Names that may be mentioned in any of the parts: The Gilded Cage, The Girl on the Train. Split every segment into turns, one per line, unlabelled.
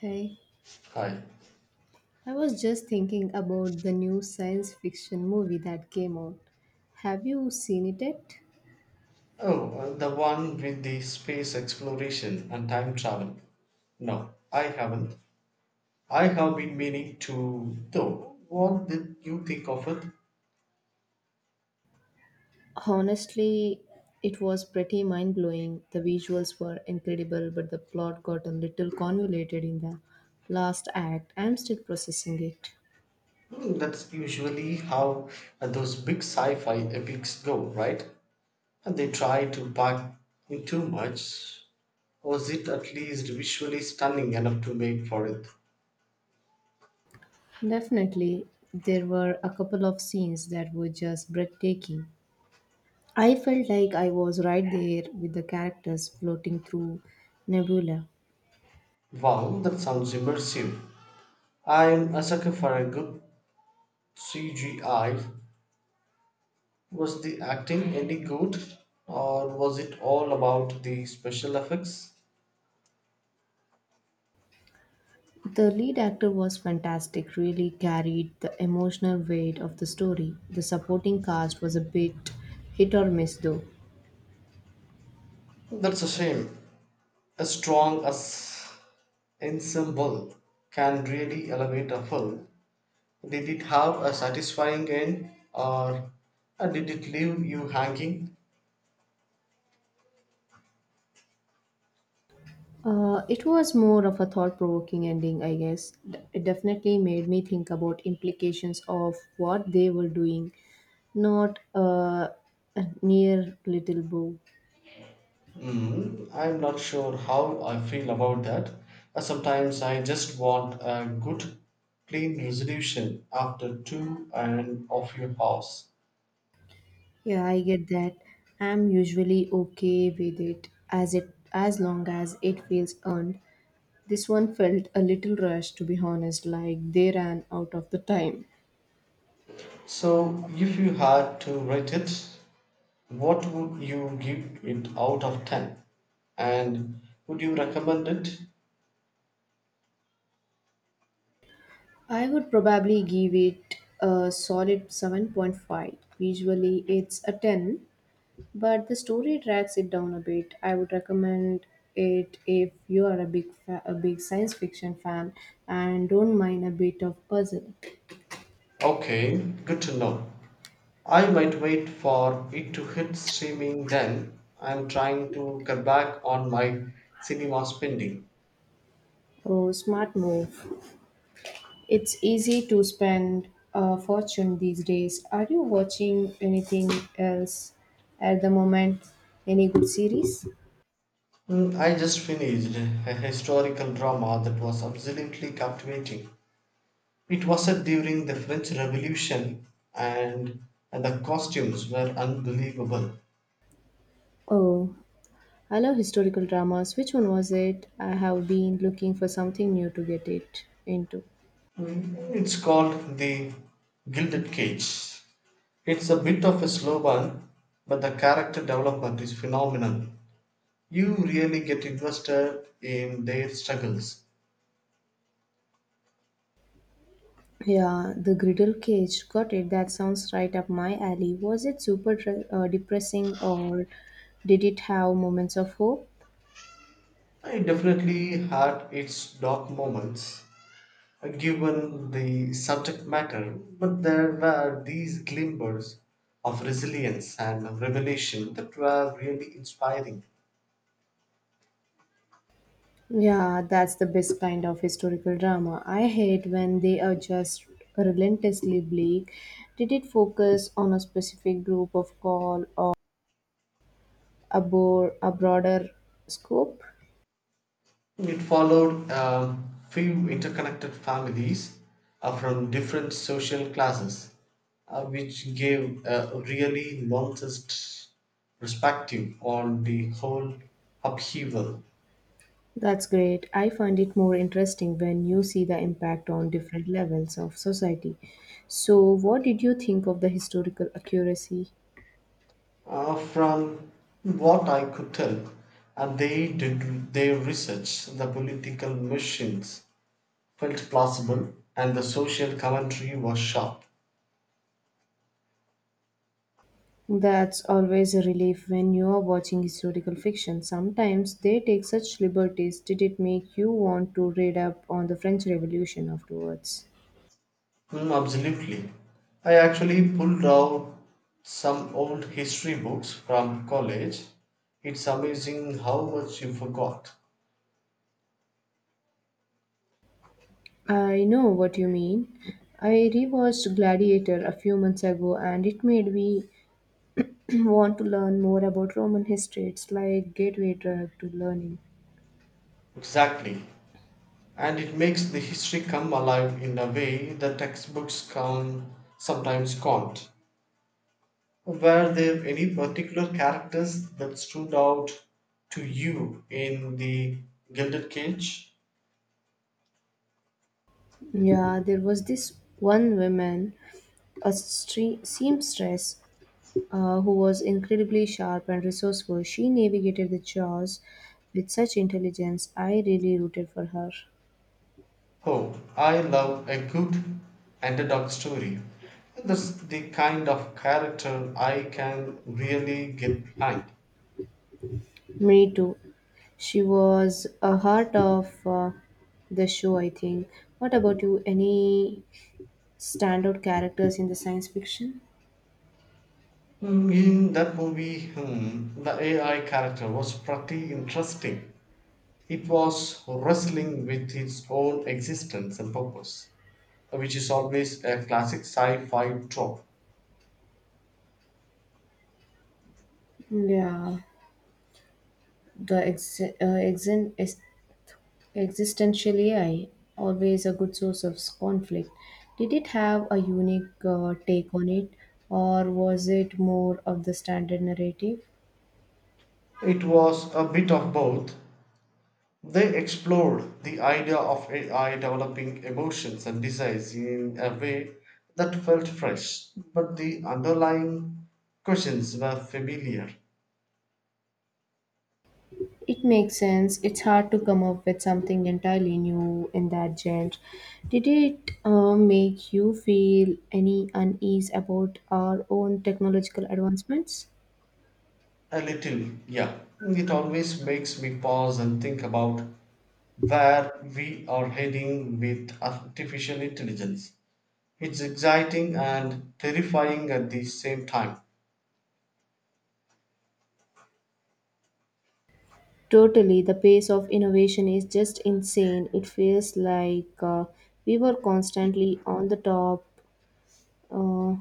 Hey,
Hi.
I was just thinking about the new science fiction movie that came out. Have you seen it yet?
Oh, the one with the space exploration and time travel. No, I haven't. I have been meaning to, though. What did you think of it?
Honestly, it was pretty mind blowing. The visuals were incredible, but the plot got a little convoluted in the last act. I'm still processing it.
That's usually how those big sci fi epics go, right? And they try to pack in too much. Was it at least visually stunning enough to make for it?
Definitely, there were a couple of scenes that were just breathtaking. I felt like I was right there with the characters floating through nebula.
Wow, that sounds immersive. I'm a sucker for a good CGI. Was the acting any good, or was it all about the special effects?
The lead actor was fantastic, really carried the emotional weight of the story. The supporting cast was a bit hit or miss though.
That's a shame. A strong as ensemble can really elevate a film. Did it have a satisfying end, or did it leave you hanging?
It was more of a thought provoking ending, I guess. It definitely made me think about implications of what they were doing, not a near little bow.
I'm not sure how I feel about that. Sometimes I just want a good, clean resolution after two and of your house.
Yeah, I get that. I'm usually okay with it as long as it feels earned. This one felt a little rushed, to be honest, like they ran out of the time.
So, if you had to rate it, what would you give it out of 10? And would you recommend it?
I would probably give it a solid 7.5. Visually, it's a 10, but the story drags it down a bit. I would recommend it if you are a a big science fiction fan and don't mind a bit of puzzle.
Okay, good to know. I might wait for it to hit streaming then. I'm trying to cut back on my cinema spending.
Oh, smart move. It's easy to spend a fortune these days. Are you watching anything else at the moment? Any good series?
I just finished a historical drama that was absolutely captivating. It was set during the French Revolution, and, and the costumes were unbelievable.
Oh, I love historical dramas. Which one was it? I have been looking for something new to get it into.
It's called The Gilded Cage. It's a bit of a slow burn, but the character development is phenomenal. You really get invested in their struggles.
Yeah, The Griddle Cage. Got it. That sounds right up my alley. Was it depressing, or did it have moments of hope?
I definitely had its dark moments, given the subject matter, but there were these glimmers of resilience and revelation that were really inspiring.
Yeah, that's the best kind of historical drama. I hate when they are just relentlessly bleak. Did it focus on a specific group of call, or a broader scope?
It followed a few interconnected families from different social classes, which gave a really nonsense perspective on the whole upheaval.
That's great. I find it more interesting when you see the impact on different levels of society. So, what did you think of the historical accuracy?
From what I could tell, and they did their research, the political machines felt plausible, and the social commentary was sharp.
That's always a relief when you're watching historical fiction. Sometimes they take such liberties. Did it make you want to read up on the French Revolution afterwards?
Absolutely. I actually pulled out some old history books from college. It's amazing how much you forgot.
I know what you mean. I rewatched Gladiator a few months ago and it made me want to learn more about Roman history. It's like gateway drug to learning.
Exactly. And it makes the history come alive in a way the textbooks can sometimes can't. Were there any particular characters that stood out to you in the Gilded Cage?
Yeah, there was this one woman, a seamstress, who was incredibly sharp and resourceful. She navigated the chores with such intelligence. I really rooted for her.
Oh, I love a good underdog story. That's the kind of character I can really get behind.
Me too. She was a heart of the show, I think. What about you? Any standout characters in the science fiction?
In that movie, the AI character was pretty interesting. It was wrestling with its own existence and purpose, which is always a classic sci fi trope.
Yeah, the Existential AI, always a good source of conflict. Did it have a unique take on it, or was it more of the standard narrative?
It was a bit of both. They explored the idea of AI developing emotions and desires in a way that felt fresh, but the underlying questions were familiar.
It makes sense. It's hard to come up with something entirely new in that genre. Did it make you feel any unease about our own technological advancements?
A little, yeah. It always makes me pause and think about where we are heading with artificial intelligence. It's exciting and terrifying at the same time.
Totally. The pace of innovation is just insane. It feels like we were constantly on the top. Uh,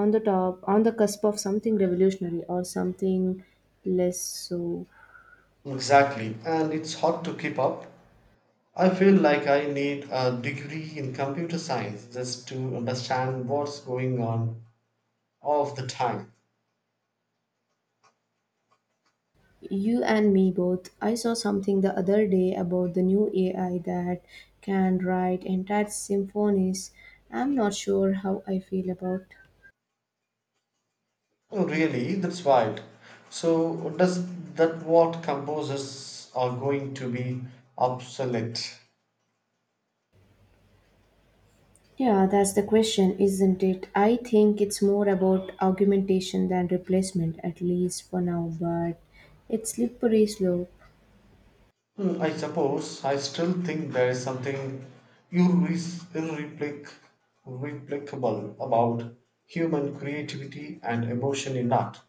on the top on the cusp of something revolutionary or something less so
Exactly, and it's hard to keep up. I feel like I need a degree in computer science just to understand what's going on all the time.
you and me both I saw something the other day about the new ai that can write entire symphonies I'm not sure how I feel about
Oh, really? That's wild. So, does that what composers are going to be obsolete?
yeah that's the question isn't it I think it's more about augmentation than replacement at least for now but it's slippery slope
I suppose I still think there is something irre- irreplic- irreplicable about human creativity and emotion in art,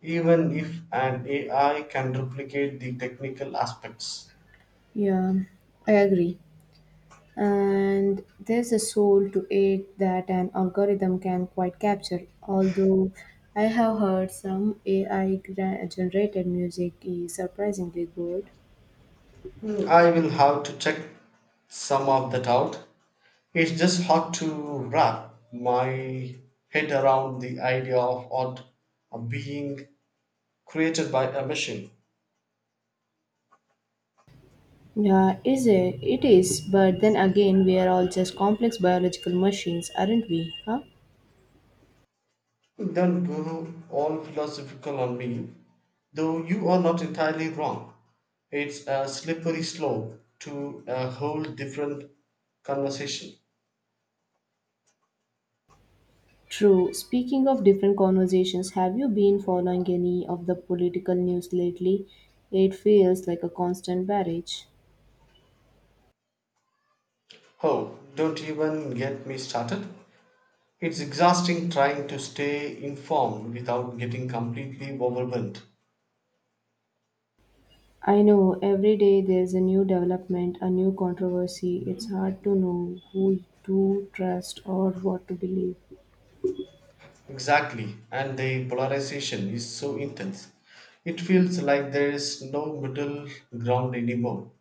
even if an AI can replicate the technical aspects.
yeah I agree and there's a soul to it that an algorithm can quite capture. Although I have heard some generated music is surprisingly good.
I will have to check some of that out. It's just hard to wrap my head around the idea of art being created by a machine.
Yeah, is it? It is. But then again, we are all just complex biological machines, aren't we? Huh?
Don't go all philosophical on me, though you are not entirely wrong. It's a slippery slope to a whole different conversation.
True. Speaking of different conversations, have you been following any of the political news lately? It feels like a constant barrage.
Oh, don't even get me started. It's exhausting trying to stay informed without getting completely overwhelmed.
I know every day there's a new development, a new controversy. It's hard to know who to trust or what to believe.
Exactly, and the polarization is so intense. It feels like there is no middle ground anymore.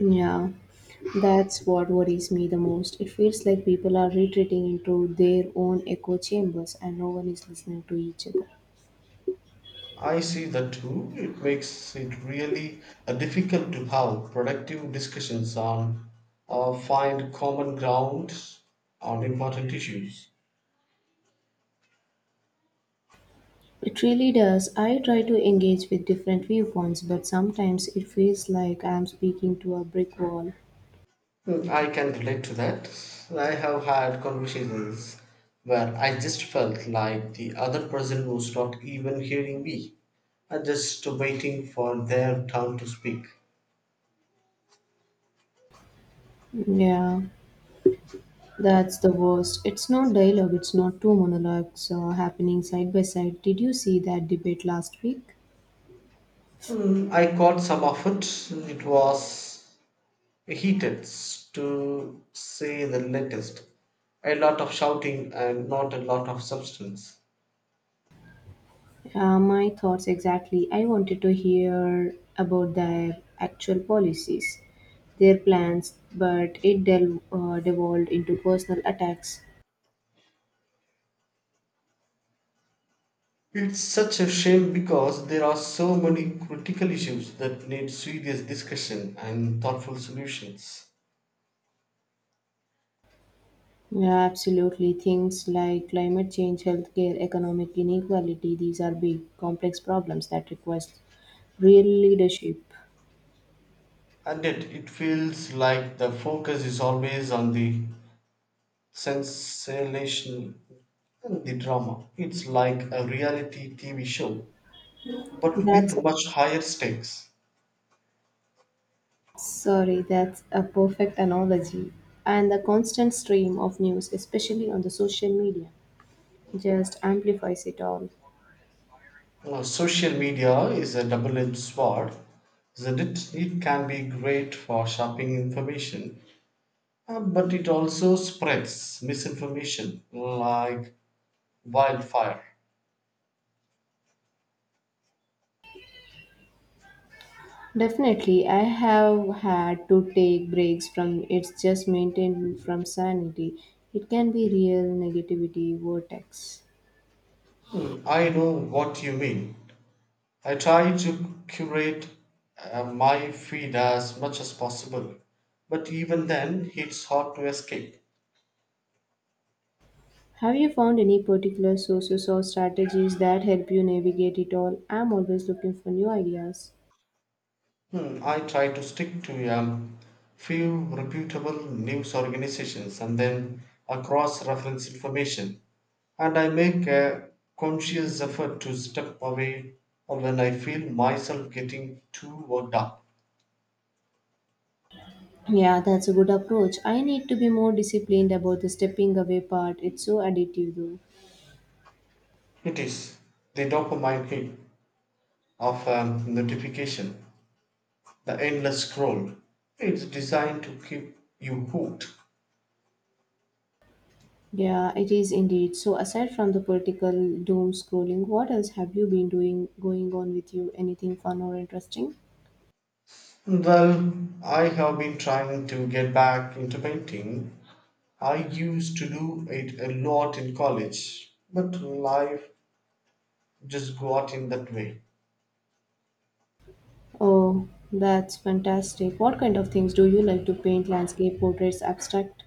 Yeah, that's what worries me the most. It feels like people are retreating into their own echo chambers and no one is listening to each other.
I see that too. It makes it really difficult to have productive discussions on or find common ground on important issues.
It really does. I try to engage with different viewpoints, but sometimes it feels like I'm speaking to a brick wall.
I can relate to that. I have had conversations where I just felt like the other person was not even hearing me, I just waiting for their turn to speak.
Yeah. That's the worst. It's not dialogue, it's not two monologues happening side by side. Did you see that debate last week?
I caught some of it. It was heated, to say the latest. A lot of shouting and not a lot of substance.
My thoughts exactly. I wanted to hear about their actual policies, their plans, but it devolved into personal attacks.
It's such a shame because there are so many critical issues that need serious discussion and thoughtful solutions.
Yeah, absolutely. Things like climate change, healthcare, economic inequality, these are big, complex problems that request real leadership.
And yet, it feels like the focus is always on the sensation and the drama. It's like a reality TV show, but
That's
with much higher stakes.
Sorry, that's a perfect analogy. And the constant stream of news, especially on the social media, just amplifies it all.
Now, social media is a double edged sword, isn't it? It can be great for shopping information, but it also spreads misinformation like wildfire.
Definitely, I have had to take breaks from it's just maintained from sanity. It can be real negativity vortex.
I know what you mean. I try to curate my feed as much as possible, but even then it's hard to escape.
Have you found any particular sources or strategies that help you navigate it all? I'm always looking for new ideas.
I try to stick to a few reputable news organizations and then a cross reference information, and I make a conscious effort to step away when I feel myself getting too worked up.
Yeah, that's a good approach. I need to be more disciplined about the stepping away part. It's so addictive, though.
It is the dopamine hit of notification. The endless scroll. It's designed to keep you hooked.
Yeah, it is indeed. So, aside from the political doom scrolling, what else have you been doing going on with you? Anything fun or interesting?
Well, I have been trying to get back into painting. I used to do it a lot in college, but life just got in that way.
Oh, that's fantastic. What kind of things do you like to paint? Landscape, portraits, abstract?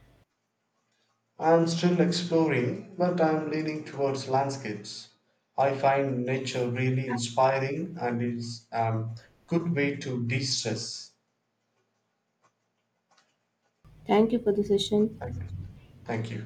I'm still exploring, but I'm leaning towards landscapes. I find nature really inspiring and it's a good way to de stress.
Thank you for the session.
Thank you. Thank you.